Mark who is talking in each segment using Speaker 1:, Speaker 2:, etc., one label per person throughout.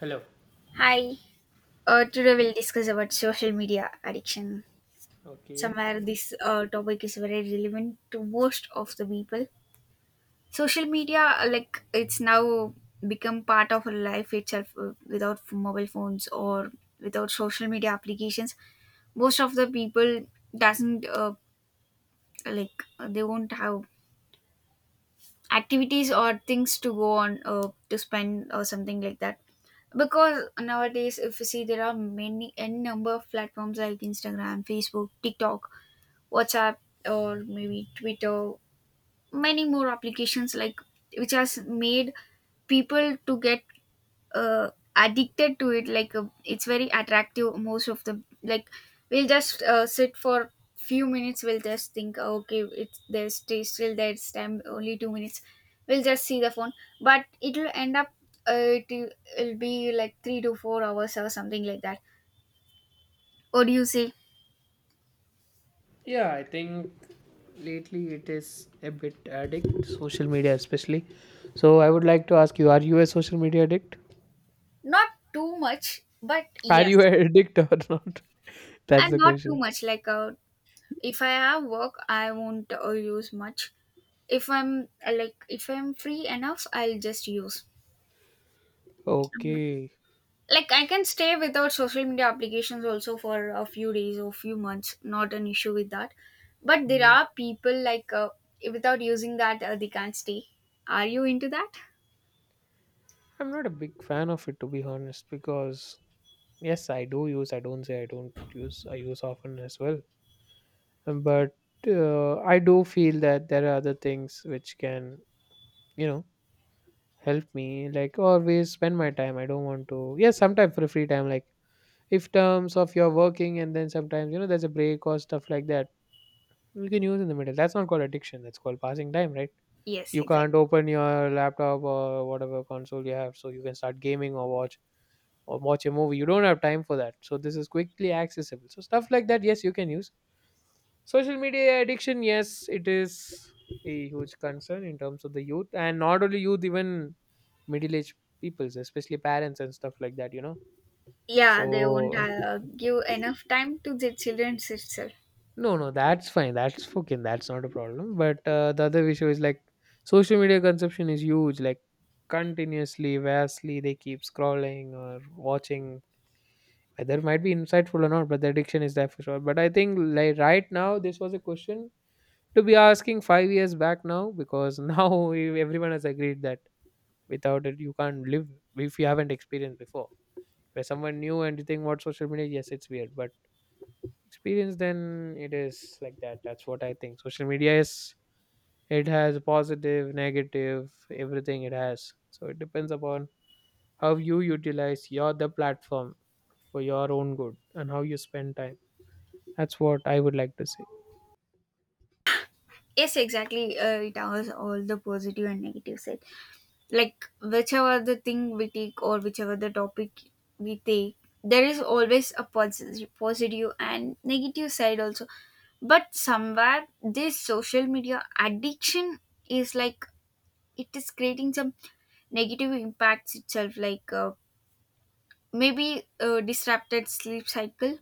Speaker 1: Hello.
Speaker 2: Hi. Today we'll discuss about social media addiction.
Speaker 1: Okay.
Speaker 2: Somewhere this topic is very relevant to most of the people. Social media, like it's now become part of our life itself. Without mobile phones or without social media applications, most of the people doesn't they won't have activities or things to go on to spend or something like that, because nowadays if you see there are many n number of platforms like Instagram, Facebook, TikTok, WhatsApp, or maybe Twitter, many more applications like which has made people to get uh, addicted to it. It's very attractive. Most of the like we'll just sit for few minutes, we'll just think, "Oh, okay, it's there's still there's time only two minutes, we'll just see the phone," but it'll end up uh, it, it'll be like three to four hours or something like that. What do you say?
Speaker 1: Yeah, I think lately it is a bit addict, social media especially. So I would like to ask you, are you a social media addict?
Speaker 2: Not too much, but
Speaker 1: Are you
Speaker 2: yes.
Speaker 1: an addict or not? That's
Speaker 2: And
Speaker 1: the
Speaker 2: not too
Speaker 1: question.
Speaker 2: much. If I have work I won't use much. If I'm like if I'm free enough I'll just use. Mhm.
Speaker 1: Okay.
Speaker 2: Like I can stay without social media applications also for a few days or few months, not an issue with that. But there
Speaker 1: Mhm.
Speaker 2: are people without using that they can't stay. Are you into that?
Speaker 1: I'm not a big fan of it to be honest because yes, I do use, I don't say I don't use, I use often as well. But I do feel that there are other things which can, you know, help me like always spend my time. I don't want to. Yes, sometimes for free time, like if terms of you're working and then sometimes you know there's a break or stuff like that, you can use in the middle. That's not called addiction, that's called passing time, right?
Speaker 2: Yes,
Speaker 1: You
Speaker 2: exactly.
Speaker 1: can't open your laptop or whatever console you have so you can start gaming or watch a movie. You don't have time for that, so this is quickly accessible, so stuff like that, yes, you can use. Social media addiction, yes, it is a huge concern in terms of the youth, and not only youth, even middle aged peoples, especially parents and stuff like that, you know.
Speaker 2: Yeah, they won't
Speaker 1: So
Speaker 2: give enough time to the children itself.
Speaker 1: no, no, that's fine, that's fucking, that's not a problem, but the other issue is like social media consumption is huge, like continuously vastly they keep scrolling or watching, whether it might be insightful or not, but the addiction is there for sure. But I think like right now this was a question to be asking 5 years back now, because now everyone has agreed that without it you can't live. If you haven't experienced before, where someone new and you think what social media, yes it's weird, but experience then it is like that. That's what I think social media is. It has positive, negative, everything it has, so it depends upon how you utilize your the platform for your own good and how you spend time. That's what I would like to say.
Speaker 2: Yes, exactly. It has all the positive and negative side. Like whichever the thing we take or whichever the topic we take, there is always a positive, positive and negative side also. But somewhere, this social media addiction is like it is creating some negative impacts itself, like maybe disrupted sleep cycle.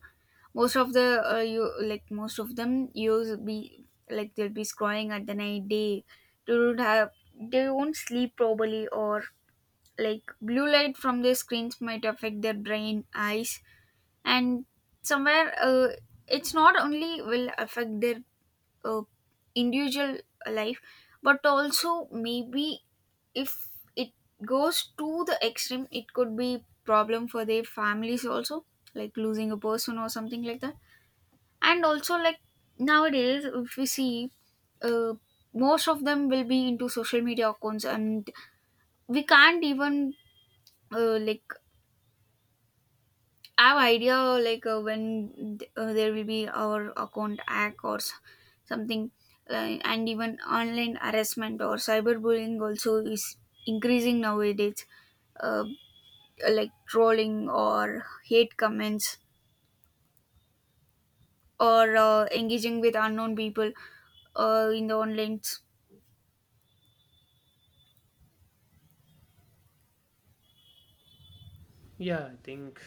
Speaker 2: Most of the you like most of them use be like they'll be scrolling at the night day. They don't have they won't sleep properly, or like blue light from the screens might affect their brain eyes, and somewhere it's not only will affect their uh, individual life, but also maybe if it goes to the extreme it could be problem for their families also, like losing a person or something like that. And also like nowadays if we see uh, most of them will be into social media accounts and we can't even uh, like I have idea when there will be our account hack or something, uh, and even online harassment or cyberbullying also is increasing nowadays. Uh, like trolling or hate comments or engaging with unknown people in the online.
Speaker 1: Yeah, I think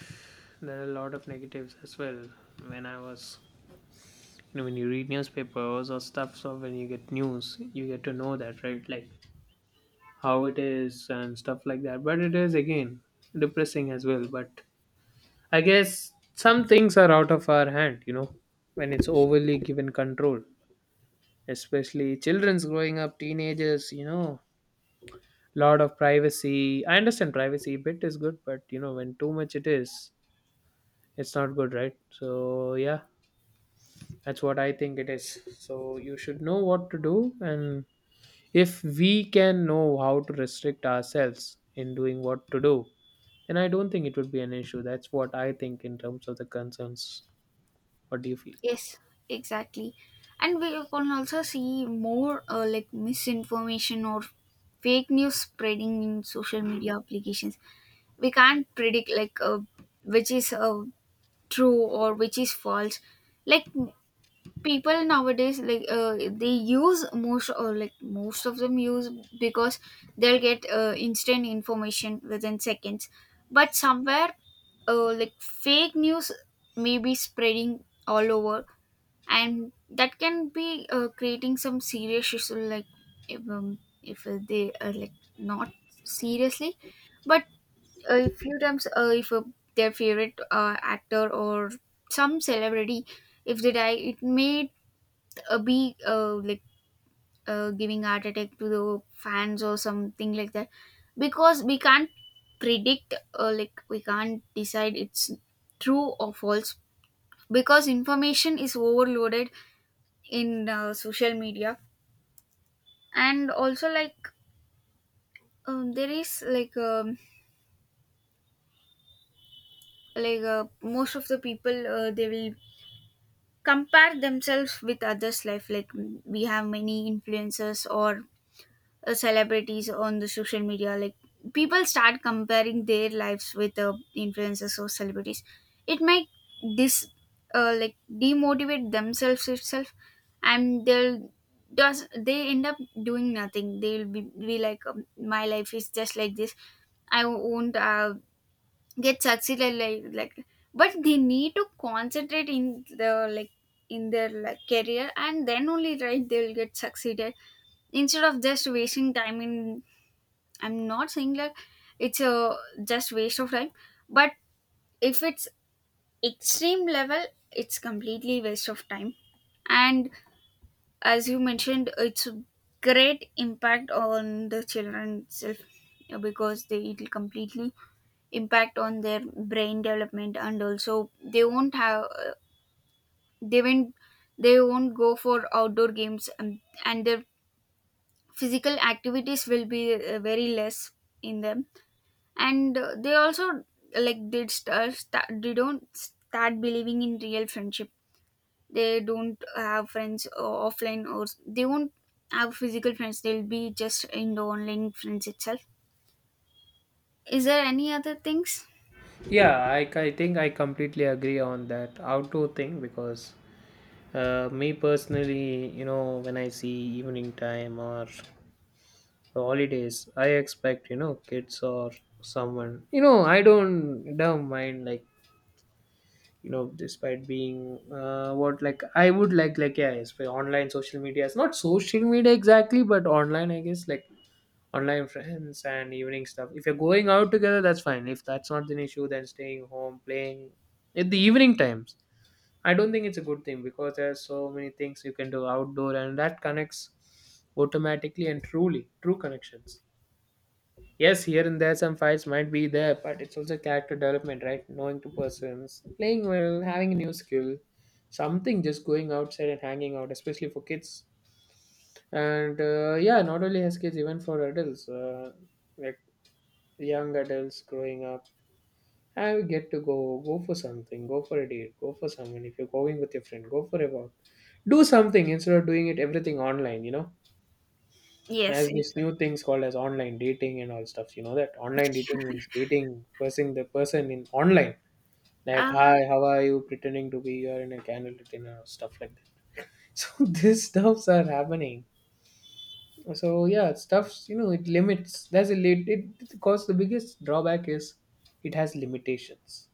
Speaker 1: there are a lot of negatives as well. When I was, you know, when you read newspapers or stuff, so when you get news you get to know that, right, like how it is and stuff like that. But it is again depressing as well. But I guess some things are out of our hand, you know, when it's overly given control, especially children's growing up, teenagers, you know, lot of privacy. I understand privacy bit is good, but you know, when too much it is, it's not good, right? So yeah, that's what I think it is. So you should know what to do, and if we can know how to restrict ourselves in doing what to do. And I don't think it would be an issue. That's what I think in terms of the concerns. What do you feel?
Speaker 2: Yes, exactly. And we can also see more like misinformation or fake news spreading in social media applications. We can't predict which is true or which is false. Like m- People nowadays, they use most or like most of them use because they'll get instant information within seconds. But somewhere, like fake news may be spreading all over, and that can be creating some serious issue like if they are like not seriously, but a few times if their favorite actor or some celebrity, if they die it may be giving heart attack to the fans or something like that, because we can't predict like we can't decide it's true or false, because information is overloaded in social media. And also like there is most of the people they will compare themselves with others life like we have many influencers or celebrities on the social media. Like people start comparing their lives with influencers or celebrities, it might dis like demotivate themselves itself, and they'll does they end up doing nothing. They'll be like my life is just like this, I won't get succeeded like but they need to concentrate in the like in their like career, and then only right they'll get succeeded, instead of just wasting time in, I'm not saying like it's a just waste of time, but if it's extreme level it's completely waste of time. And as you mentioned it's a great impact on the children itself, because they it will completely impact on their brain development, and also they won't have they won't they won't go for outdoor games, and their physical activities will be very less in them. And they also like start they don't start believing in real friendship. They don't have friends offline, or they won't have physical friends, they'll be just in the online friends itself. Is there any other things?
Speaker 1: Yeah, I think I completely agree on that outdoor thing because me personally, you know, when I see evening time or holidays, I expect, you know, kids or someone, you know, I don't mind like, you know, despite being what like I would like, yeah, it's for online social media. It's not social media exactly, but online, I guess, like online friends and evening stuff. If you're going out together, that's fine. If that's not an issue, then staying home, playing at the evening times. I don't think it's a good thing because there's so many things you can do outdoor and that connects automatically, and truly, true connections. Yes, here and there some fights might be there, but it's also character development, right? Knowing two persons, playing well, having a new skill, something, just going outside and hanging out, especially for kids. And yeah, not only as kids, even for adults, like young adults growing up, I get to go for something, go for a date, go for someone. If you're going with your friend, go for a walk, do something instead of doing it everything online. You know.
Speaker 2: Yes,
Speaker 1: As these
Speaker 2: it's,
Speaker 1: new things called as online dating and all stuff. You know that online dating means dating person, the person in online. Like
Speaker 2: uh,
Speaker 1: hi, how are you? Pretending to be your in a candidate and stuff like that. So these stuffs are happening. So yeah, stuffs you know it limits. That's a late. It because the biggest drawback is it has limitations.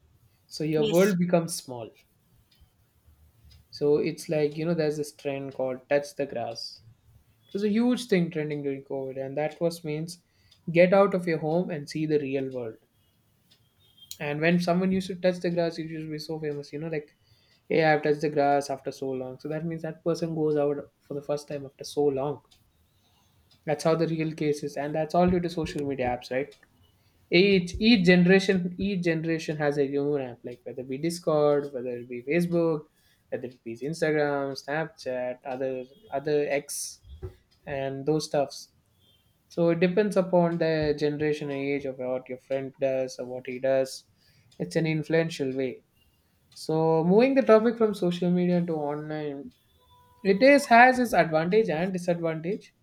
Speaker 1: So your
Speaker 2: yes.
Speaker 1: world becomes small. So it's like you know there's this trend called touch the grass. It was a huge thing trending during COVID, and that was means get out of your home and see the real world. And when someone used to touch the grass, it used to be so famous, you know, like, hey, I've touched the grass after so long. So that means that person goes out for the first time after so long. That's how the real case is, and that's all due to social media apps, right? Each generation has a own app, like whether it be Discord, whether it be Facebook, whether it be Instagram, Snapchat, other X, and those stuffs. So it depends upon the generation and age of what your friend does or what he does. It's an influential way. So moving the topic from social media to online, it is has its advantage and disadvantage.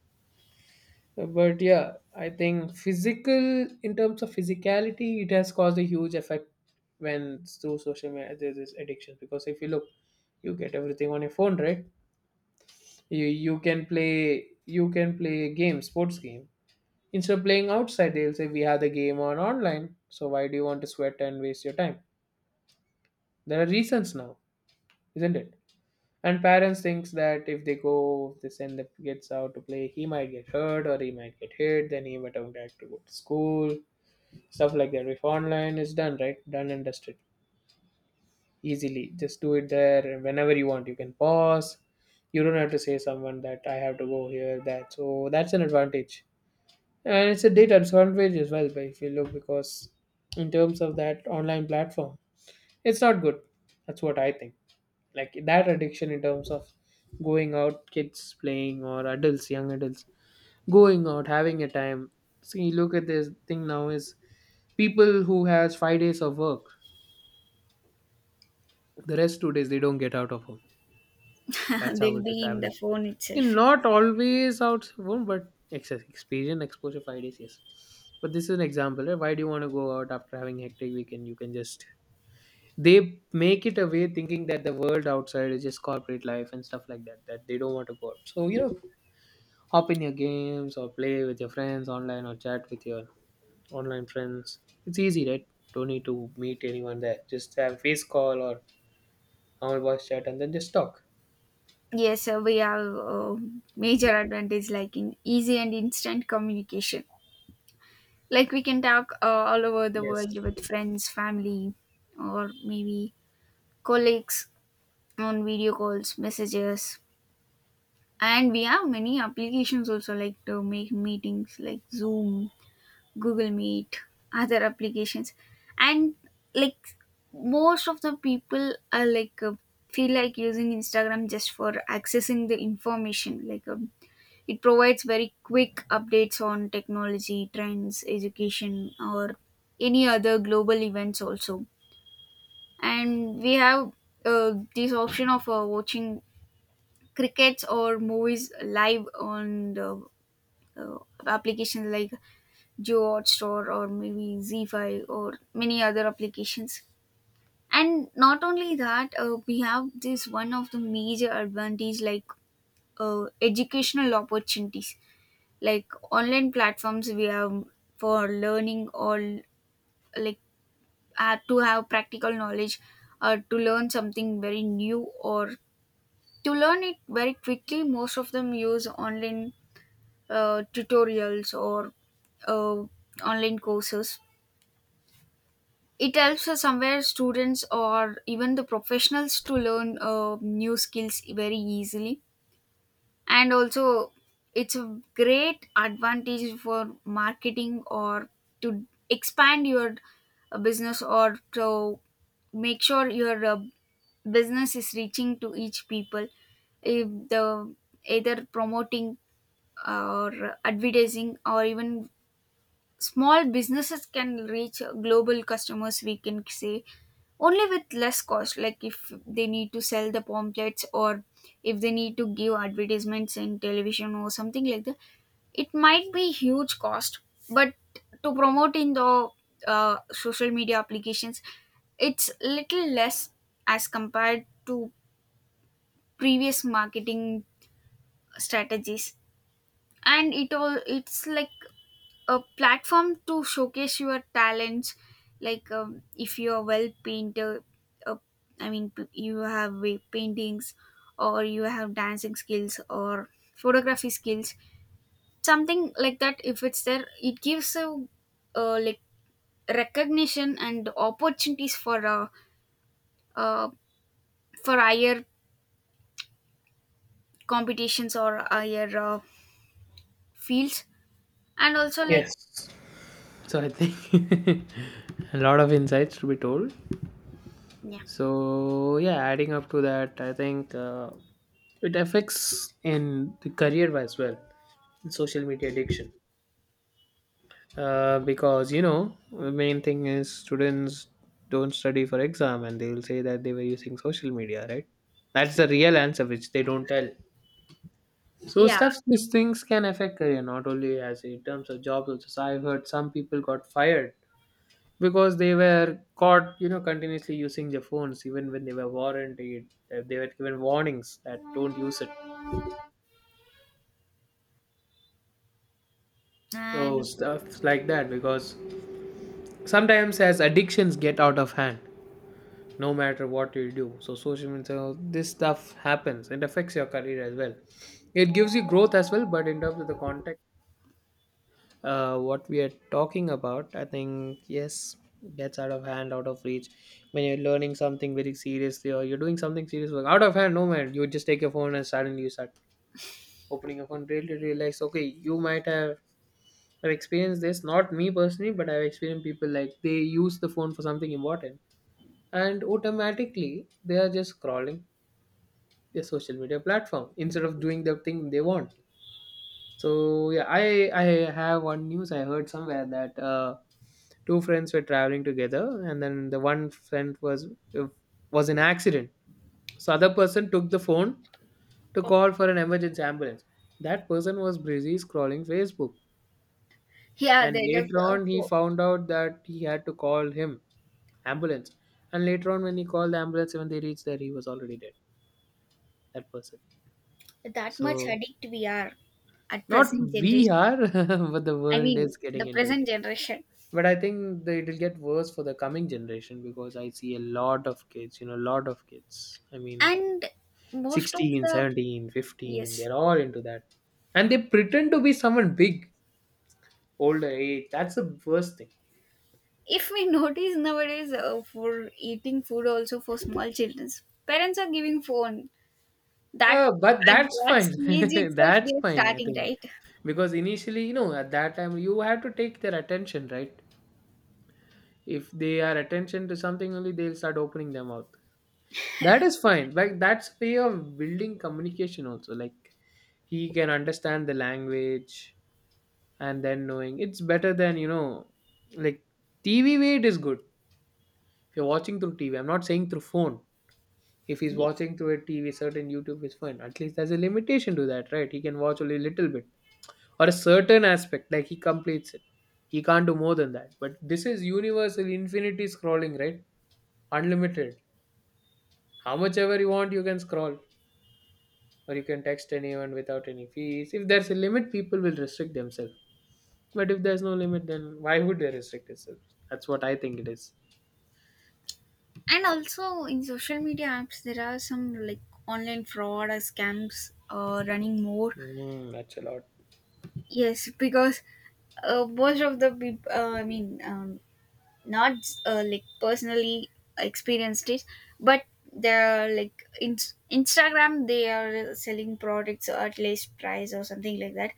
Speaker 1: But yeah, I think physical, in terms of physicality, it has caused a huge effect when through social media there's this addiction. Because if you look, you get everything on your phone, right? You can play, you can play games, sports game. Instead of playing outside, they'll say we have the game on online, so why do you want to sweat and waste your time? There are reasons now, isn't it? And parents thinks that if they go, if they send the kids out to play, he might get hurt or he might get hit, then he might have to go to school, stuff like that. If online is done, right, done and dusted, easily, just do it there whenever you want. You can pause. You don't have to say someone that I have to go here, that. So that's an advantage. And it's a data disadvantage as well, but if you look, because in terms of that online platform, it's not good. That's what I think. Like that addiction in terms of going out, kids playing, or adults, young adults, going out, having a time. See, look at this thing now is people who has 5 days of work, the rest 2 days they don't get out of home. That's how
Speaker 2: They'll
Speaker 1: it is
Speaker 2: be in the
Speaker 1: average.
Speaker 2: phone
Speaker 1: And
Speaker 2: itself.
Speaker 1: not always out, but excess experience, exposure 5 days, yes. But this is an example. Right? Why do you want to go out after having hectic weekend? You can just, they make it a way thinking that the world outside is just corporate life and stuff like that. That they don't want to go out. So you know, hop in your games or play with your friends online or chat with your online friends. It's easy, right? Don't need to meet anyone there. Just have face call or normal voice chat and then just talk.
Speaker 2: Yes, we have major advantage like in easy and instant communication, like we can talk all over the
Speaker 1: Yes.
Speaker 2: world with friends, family, or maybe colleagues, on video calls, messages. And we have many applications also like to make meetings, like Zoom, Google Meet, other applications. And like most of the people are feel like using Instagram just for accessing the information. It provides very quick updates on technology trends, education, or any other global events also. And we have this option of watching crickets or movies live on the uh, applications like Geoart Store or maybe Z5 or many other applications. And not only that, we have this one of the major advantage, like educational opportunities, like online platforms we have for learning or like to have practical knowledge, or to learn something very new or to learn it very quickly. Most of them use online tutorials or uh, online courses. It helps us somewhere students or even the professionals to learn new skills very easily. And also, it's a great advantage for marketing or to expand your business, or to make sure your business is reaching to each people, if the either promoting or advertising or even, small businesses can reach global customers, we can say, only with less cost. Like if they need to sell the pamphlets, or if they need to give advertisements in television or something like that, it might be huge cost. But to promote in the social media applications, it's little less as compared to previous marketing strategies. And it all it's like a platform to showcase your talents, like if you are well painter, uh, I mean you have paintings or you have dancing skills or photography skills, something like that, if it's there it gives you like recognition and opportunities uh, for higher competitions or higher fields. And also like,
Speaker 1: Yes. So I think a lot of insights to be told.
Speaker 2: yeah,
Speaker 1: So yeah, adding up to that, I think it affects in the career as well, social media addiction. Because you know, the main thing is students don't study for exam, and they will say that they were using social media, right? That's the real answer, which they don't tell. So
Speaker 2: yeah,
Speaker 1: stuff, these things can affect career, not only as in terms of jobs. Also, so I've heard some people got fired because they were caught, you know, continuously using their phones even when they were warranted. They were given warnings that don't use it. So
Speaker 2: and
Speaker 1: stuff like that, because sometimes as addictions get out of hand, no matter what you do. So social media, so this stuff happens. It affects your career as well. It gives you growth as well, but in terms of the context. What we are talking about, I think, yes, gets out of hand, out of reach. When you're learning something very seriously or you're doing something serious, work, out of hand, no man, you just take your phone and suddenly you start opening your phone, really realize, okay, you might have experienced this, not me personally, but I've experienced people like they use the phone for something important and automatically they are just crawling their social media platform instead of doing the thing they want. So yeah, I have one news I heard somewhere that two friends were traveling together and then the one friend was in accident, so other person took the phone to call for an emergency ambulance. That person was busy scrolling Facebook,
Speaker 2: yeah,
Speaker 1: and
Speaker 2: they took,
Speaker 1: later on he found out that he had to call him ambulance. And later on when he called the ambulance, when they reached there he was already dead, that person.
Speaker 2: that much
Speaker 1: So
Speaker 2: addict we are at
Speaker 1: not
Speaker 2: present
Speaker 1: we
Speaker 2: generation.
Speaker 1: are but the
Speaker 2: I
Speaker 1: world
Speaker 2: mean
Speaker 1: is
Speaker 2: the
Speaker 1: getting into it.
Speaker 2: present generation,
Speaker 1: But I think that it'll get worse for the coming generation because I see a lot of kids, you know, lot of kids I mean
Speaker 2: and most of
Speaker 1: 16,
Speaker 2: the,
Speaker 1: 17, 15.
Speaker 2: yes,
Speaker 1: They're all into that. And they pretend to be someone big, older age. That's the worst thing.
Speaker 2: if we notice nowadays for eating food also, for small children parents are giving phone. That
Speaker 1: But
Speaker 2: at
Speaker 1: that's
Speaker 2: that
Speaker 1: fine,
Speaker 2: stage itself
Speaker 1: that's
Speaker 2: they are
Speaker 1: fine I
Speaker 2: starting,
Speaker 1: think,
Speaker 2: right?
Speaker 1: because initially you know at that time you have to take their attention, right? If they are attention to something only they'll start opening their mouth. That is fine. Like that's way of building communication also. Like he can understand the language, and then knowing it's better than, you know, like TV way it is good. If you're watching through TV, I'm not saying through phone. If he's
Speaker 2: Yes.
Speaker 1: watching through a TV, certain YouTube is fine. At least there's a limitation to that, right? He can watch only a little bit or a certain aspect, like he completes it. He can't do more than that. But this is universal infinity scrolling, right? Unlimited. How much ever you want, you can scroll or you can text anyone without any fees. If there's a limit, people will restrict themselves. But if there's no limit, then why would they restrict themselves? That's what I think it is.
Speaker 2: And also in social media apps there are some like online fraud or scams running more.
Speaker 1: Mm, that's a lot.
Speaker 2: Yes, because most of the people I mean, um, not like personally experienced it, but they're like in Instagram they are selling products at least price or something like that,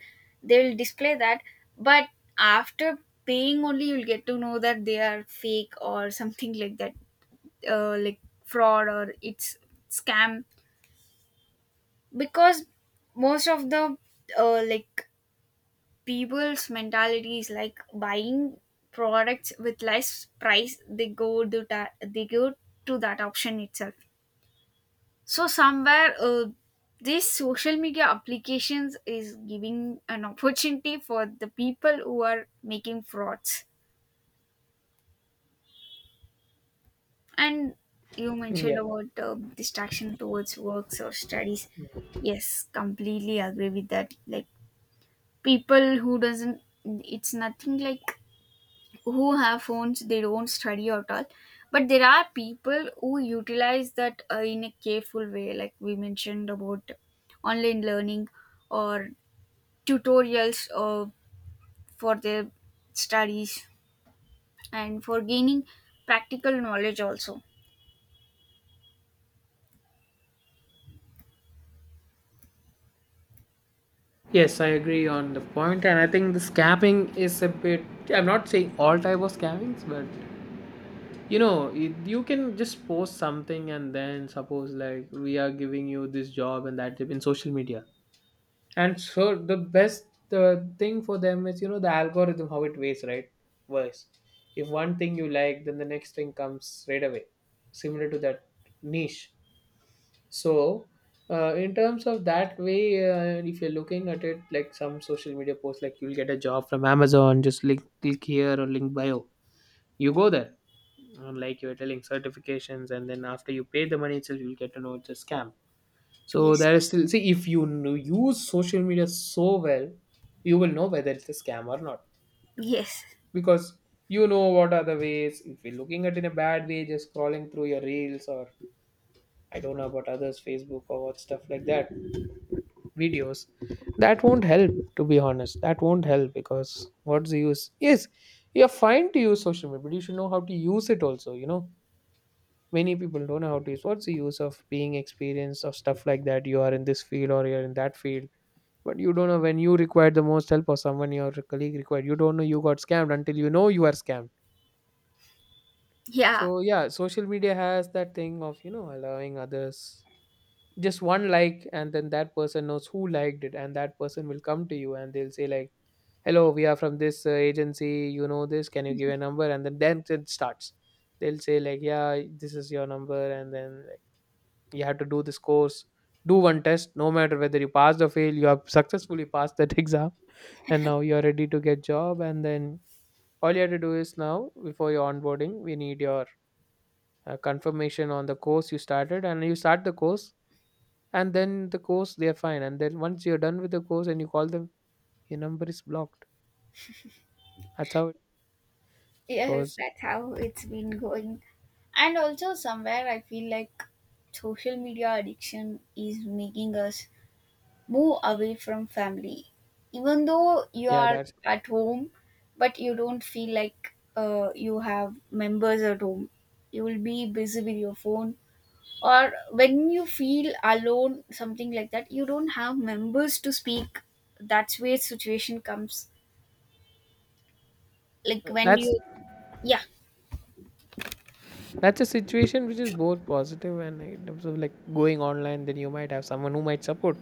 Speaker 2: they'll display that, but after paying only you'll get to know that they are fake or something like that. Like fraud or it's scam, because most of the like people's mentality is like buying products with less price, they go to that option itself. So somewhere these social media applications is giving an opportunity for the people who are making frauds. And you mentioned
Speaker 1: Yeah.
Speaker 2: about distraction towards works or studies. Yes, completely agree with that. Like people who doesn't, it's nothing like who have phones they don't study at all, but there are people who utilize that in a careful way, like we mentioned about online learning or tutorials for their studies, and for gaining practical knowledge also.
Speaker 1: Yes, I agree on the point, and I think the scamming is a bit. I'm not saying all type of scammings, but you know, you can just post something and then suppose like we are giving you this job and that job in social media. And so the best thing for them is, you know, the algorithm how it weighs, right, works. If one thing you like, then the next thing comes straight away, similar to that niche. So in terms of that way, if you're looking at it like some social media posts, like you'll get a job from Amazon, just link click here or link bio, you go there. And like you're telling certifications and then after you pay the money itself you'll get to know it's a scam. So
Speaker 2: Yes,
Speaker 1: there is still, see, if you use social media so well, you will know whether it's a scam or not,
Speaker 2: yes.
Speaker 1: because you know what are the ways. If you're looking at it in a bad way, just scrolling through your reels or, I don't know about others, Facebook or what stuff like that, videos, that won't help. To be honest, that won't help because what's the use? Yes, you're fine to use social media, but you should know how to use it also. You know, many people don't know how to use. What's the use of being experienced or stuff like that? You are in this field or you're in that field. But you don't know when you required the most help or someone your colleague required. You don't know you got scammed until you know you are scammed.
Speaker 2: Yeah,
Speaker 1: So yeah, social media has that thing of, you know, allowing others, just one like and then that person knows who liked it, and that person will come to you and they'll say like, "Hello, we are from this agency, you know this, can you give a number?" And then it starts. They'll say like, "Yeah, this is your number," and then like, you have to do this course, do one test, no matter whether you pass or fail, you have successfully passed that exam, and now you're ready to get job. And then all you have to do is, now before your onboarding we need your confirmation on the course you started, and you start the course, and then the course they're fine, and then once you're done with the course and you call them, your number is blocked. That's how it
Speaker 2: yes,
Speaker 1: goes.
Speaker 2: that's how it's been going. And also somewhere I feel like social media addiction is making us move away from family. Even though you
Speaker 1: Yeah,
Speaker 2: are at home, but you don't feel like you have members at home, you will be busy with your phone. Or when you feel alone something like that, you don't have members to speak. That's where situation comes, like
Speaker 1: uh,
Speaker 2: when
Speaker 1: that's
Speaker 2: you, yeah,
Speaker 1: that's a situation which is both positive and in terms of like going online then you might have someone who might support,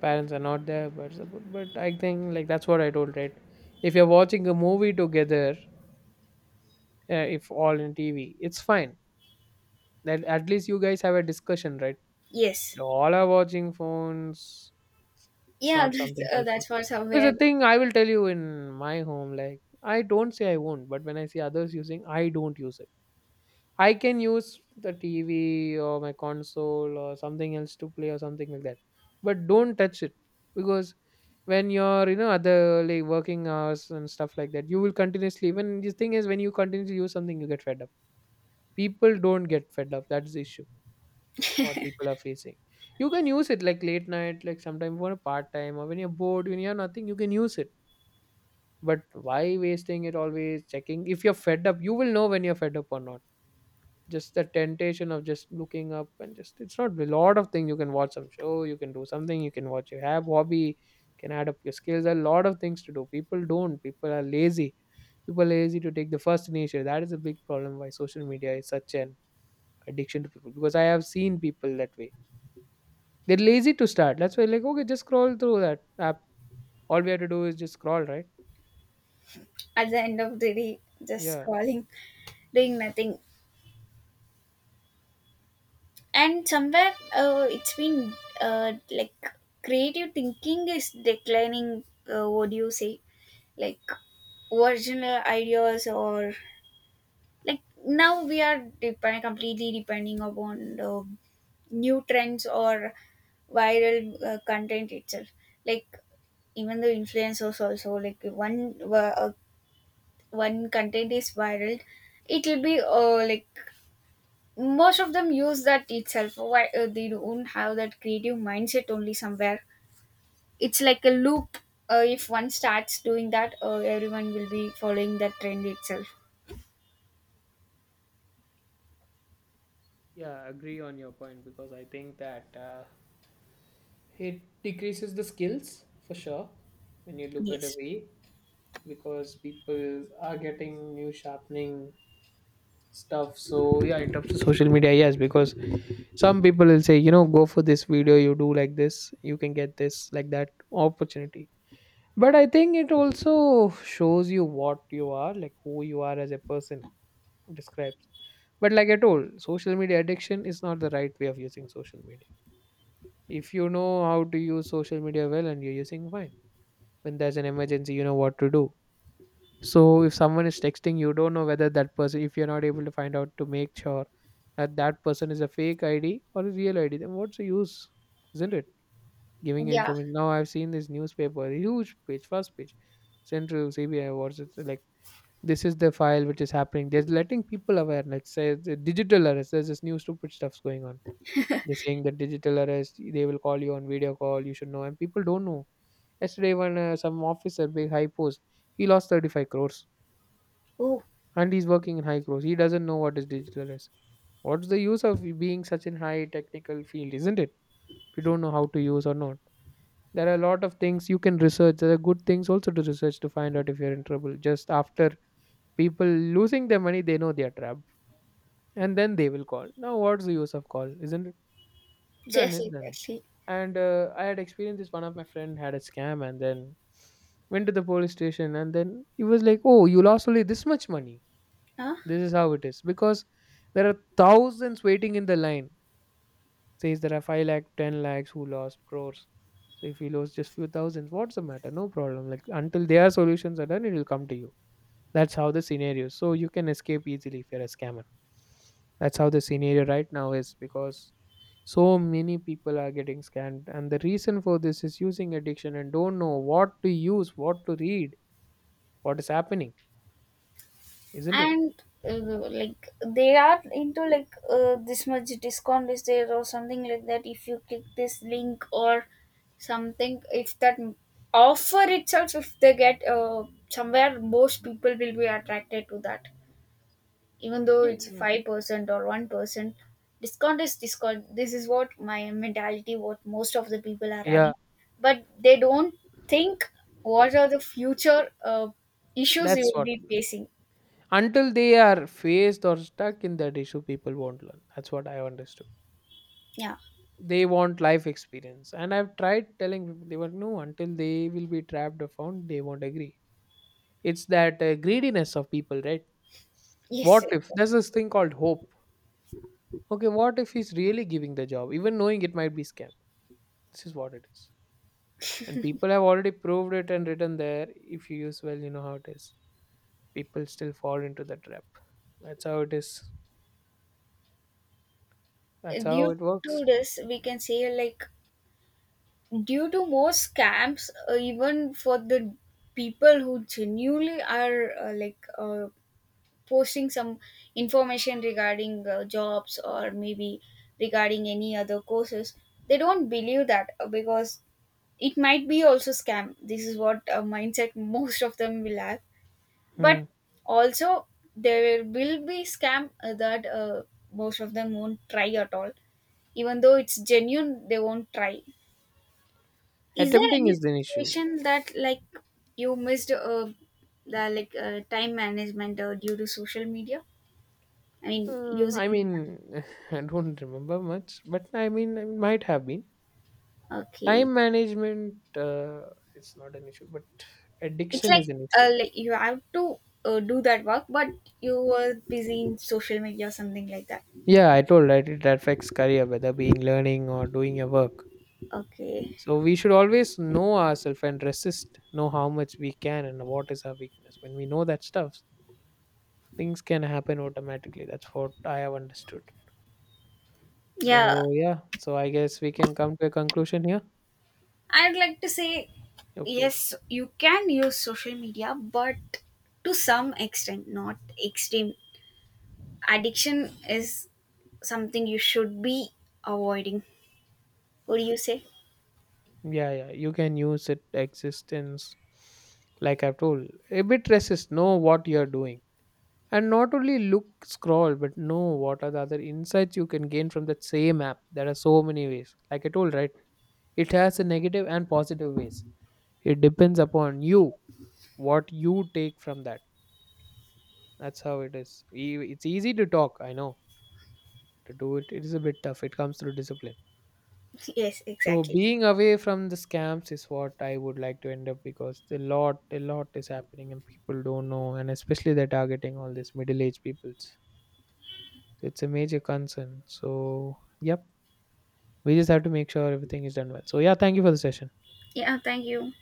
Speaker 1: parents are not there but support. But I think, like, that's what I told, right? If you're watching a movie together, if all in TV. It's fine. That at least you guys have a discussion, right?
Speaker 2: yes.
Speaker 1: All are watching phones. It's
Speaker 2: Yeah,
Speaker 1: not something helpful.
Speaker 2: that's what
Speaker 1: There's
Speaker 2: somewhere,
Speaker 1: a thing I will tell you in my home. Like I don't say I won't, but when I see others using, I don't use it. I can use the TV or my console or something else to play or something like that, but don't touch it. Because when you're, you know, other like working hours and stuff like that, you will continuously. When the thing is, when you continuously use something, you get fed up. People don't get fed up, that's the issue, what people are facing. You can use it like late night, like sometime for a part time or when you're bored, when you have nothing you can use it. But why wasting it always checking? If you're fed up you will know, when you're fed up or not. Just the temptation of just looking up and just, it's not, a lot of things you can watch some show, you can do something, you can watch your, have hobby, can add up your skills. There are a lot of things to do, people don't, people are lazy. People are lazy to take the first initiative. That is a big problem why social media is such an addiction to people, because I have seen people that way. They're lazy to start. That's why, like, okay, just scroll through that app. All we have to do is just scroll, right?
Speaker 2: at the end of the day just
Speaker 1: Yeah.
Speaker 2: scrolling, doing nothing. And somewhere it's been like creative thinking is declining. Uh, what do you say? Like original ideas or like now we are depending completely depending upon the new trends or viral content itself. Like even the influencers also, like one content is viral, it will be like most of them use that itself. Why they don't have that creative mindset? Only somewhere it's like a loop, if one starts doing that everyone will be following that trend itself.
Speaker 1: Yeah, I agree on your point because I think that it decreases the skills for sure when you look at a
Speaker 2: Yes.
Speaker 1: way, because people are getting new sharpening stuff. So yeah, in terms of social media, yes, because some people will say, you know, go for this video, you do like this, you can get this, like, that opportunity. But I think it also shows you what you are, like who you are as a person, describes. But like I told, social media addiction is not the right way of using social media. If you know how to use social media well and you're using, fine. When there's an emergency you know what to do. So if someone is texting you don't know whether that person, if you're not able to find out, to make sure that that person is a fake ID or a real ID, then what's the use? Isn't it? Giving
Speaker 2: Yeah.
Speaker 1: information. Now I've seen this newspaper, huge page, first page, central CBI, what's it like, this is the file which is happening, they're letting people aware. Let's say the digital arrest, there's this new stupid stuff's going on. They're saying that digital arrest, they will call you on video call, you should know, and people don't know. Yesterday when some officer, big high post, he lost 35 crores.
Speaker 2: Oh,
Speaker 1: And he's working in high growth. He doesn't know what is digital is. What's the use of being such in high technical field, isn't it? If you don't know how to use or not. There are a lot of things you can research. There are good things also to research to find out if you're in trouble. Just after people losing their money, they know they are trapped. And then they will call. Now what's the use of call? Isn't it? Done
Speaker 2: yes,
Speaker 1: is done.
Speaker 2: exactly.
Speaker 1: And I had experienced this. One of my friend had a scam and then went to the police station and then he was like, oh, you lost only this much money.
Speaker 2: Huh?
Speaker 1: This is how it is because there are thousands waiting in the line. Says there are 5 lakh, 10 lakhs who lost crores. So if you lose just few thousands, what's the matter? No problem. Like until their solutions are done, it will come to you. That's how the scenario. So you can escape easily if you're a scammer. That's how the scenario right now is, because so many people are getting scammed, and the reason for this is using addiction and don't know what to use, what to read, what is happening, isn't it?
Speaker 2: And uh, like they are into like this much discount is there or something like that. If you click this link or something, if that offer itself if they get somewhere, most people will be attracted to that even though it's
Speaker 1: Yeah.
Speaker 2: 5% or 1%. Discount is discount, this is what my mentality what most of the people are
Speaker 1: Yeah,
Speaker 2: having, but they don't think what are the future issues you
Speaker 1: that's
Speaker 2: will
Speaker 1: what.
Speaker 2: be facing.
Speaker 1: Until they are faced or stuck in that issue, people won't learn. That's what I understood.
Speaker 2: Yeah,
Speaker 1: They want life experience. And I've tried telling people, they were no, until they will be trapped or found, they won't agree. It's that greediness of people, right?
Speaker 2: yes,
Speaker 1: What if
Speaker 2: yes.
Speaker 1: there's this thing called hope? Okay, what if he's really giving the job, even knowing it might be scam? This is what it is. And people have already proved it and written there. If you use well, you know how it is. People still fall into the trap. That's how it is. That's how
Speaker 2: Due
Speaker 1: it works.
Speaker 2: to this we can say like, due to more scams even for the people who genuinely are posting some information regarding jobs, or maybe regarding any other courses, they don't believe that because it might be also scam. This is what mindset most of them will have.
Speaker 1: Hmm.
Speaker 2: But also there will be scam that most of them won't try at all. Even though it's genuine they won't try. Is there
Speaker 1: Attempting
Speaker 2: any
Speaker 1: is an issue.
Speaker 2: situation that like you missed the time management due to social media, I mean using?
Speaker 1: I mean, I don't remember much, but I mean, it might have been.
Speaker 2: Okay.
Speaker 1: Time management, it's not an issue, but
Speaker 2: It's
Speaker 1: addiction is an issue.
Speaker 2: like you have to do that work, but you were busy in social media or something like that.
Speaker 1: Yeah, I told right, it affects career, whether being learning or doing your work.
Speaker 2: Okay.
Speaker 1: So we should always know ourselves and resist, know how much we can and what is our weakness. When we know that stuff, things can happen automatically. That's what I have understood.
Speaker 2: Yeah.
Speaker 1: So yeah, so I guess we can come to a conclusion here.
Speaker 2: I'd like to say
Speaker 1: Okay, okay.
Speaker 2: yes, you can use social media, but to some extent, not extreme. Addiction is something you should be avoiding. What do you say?
Speaker 1: Yeah, yeah, you can use it existence, like I've told, a bit resist, know what you're doing, and not only look scroll but know what are the other insights you can gain from that same app. There are so many ways, like I told, right? It has a negative and positive ways. It depends upon you what you take from that. That's how it is. It's easy to talk, I know. To do it it is a bit tough, it comes through discipline.
Speaker 2: Yes,
Speaker 1: So
Speaker 2: exactly.
Speaker 1: being away from the scams is what I would like to end up, because a lot is happening and people don't know, and especially they're targeting all these middle-aged peoples. It's a major concern. So yep, we just have to make sure everything is done well. So yeah, thank you for the session.
Speaker 2: Yeah, thank you.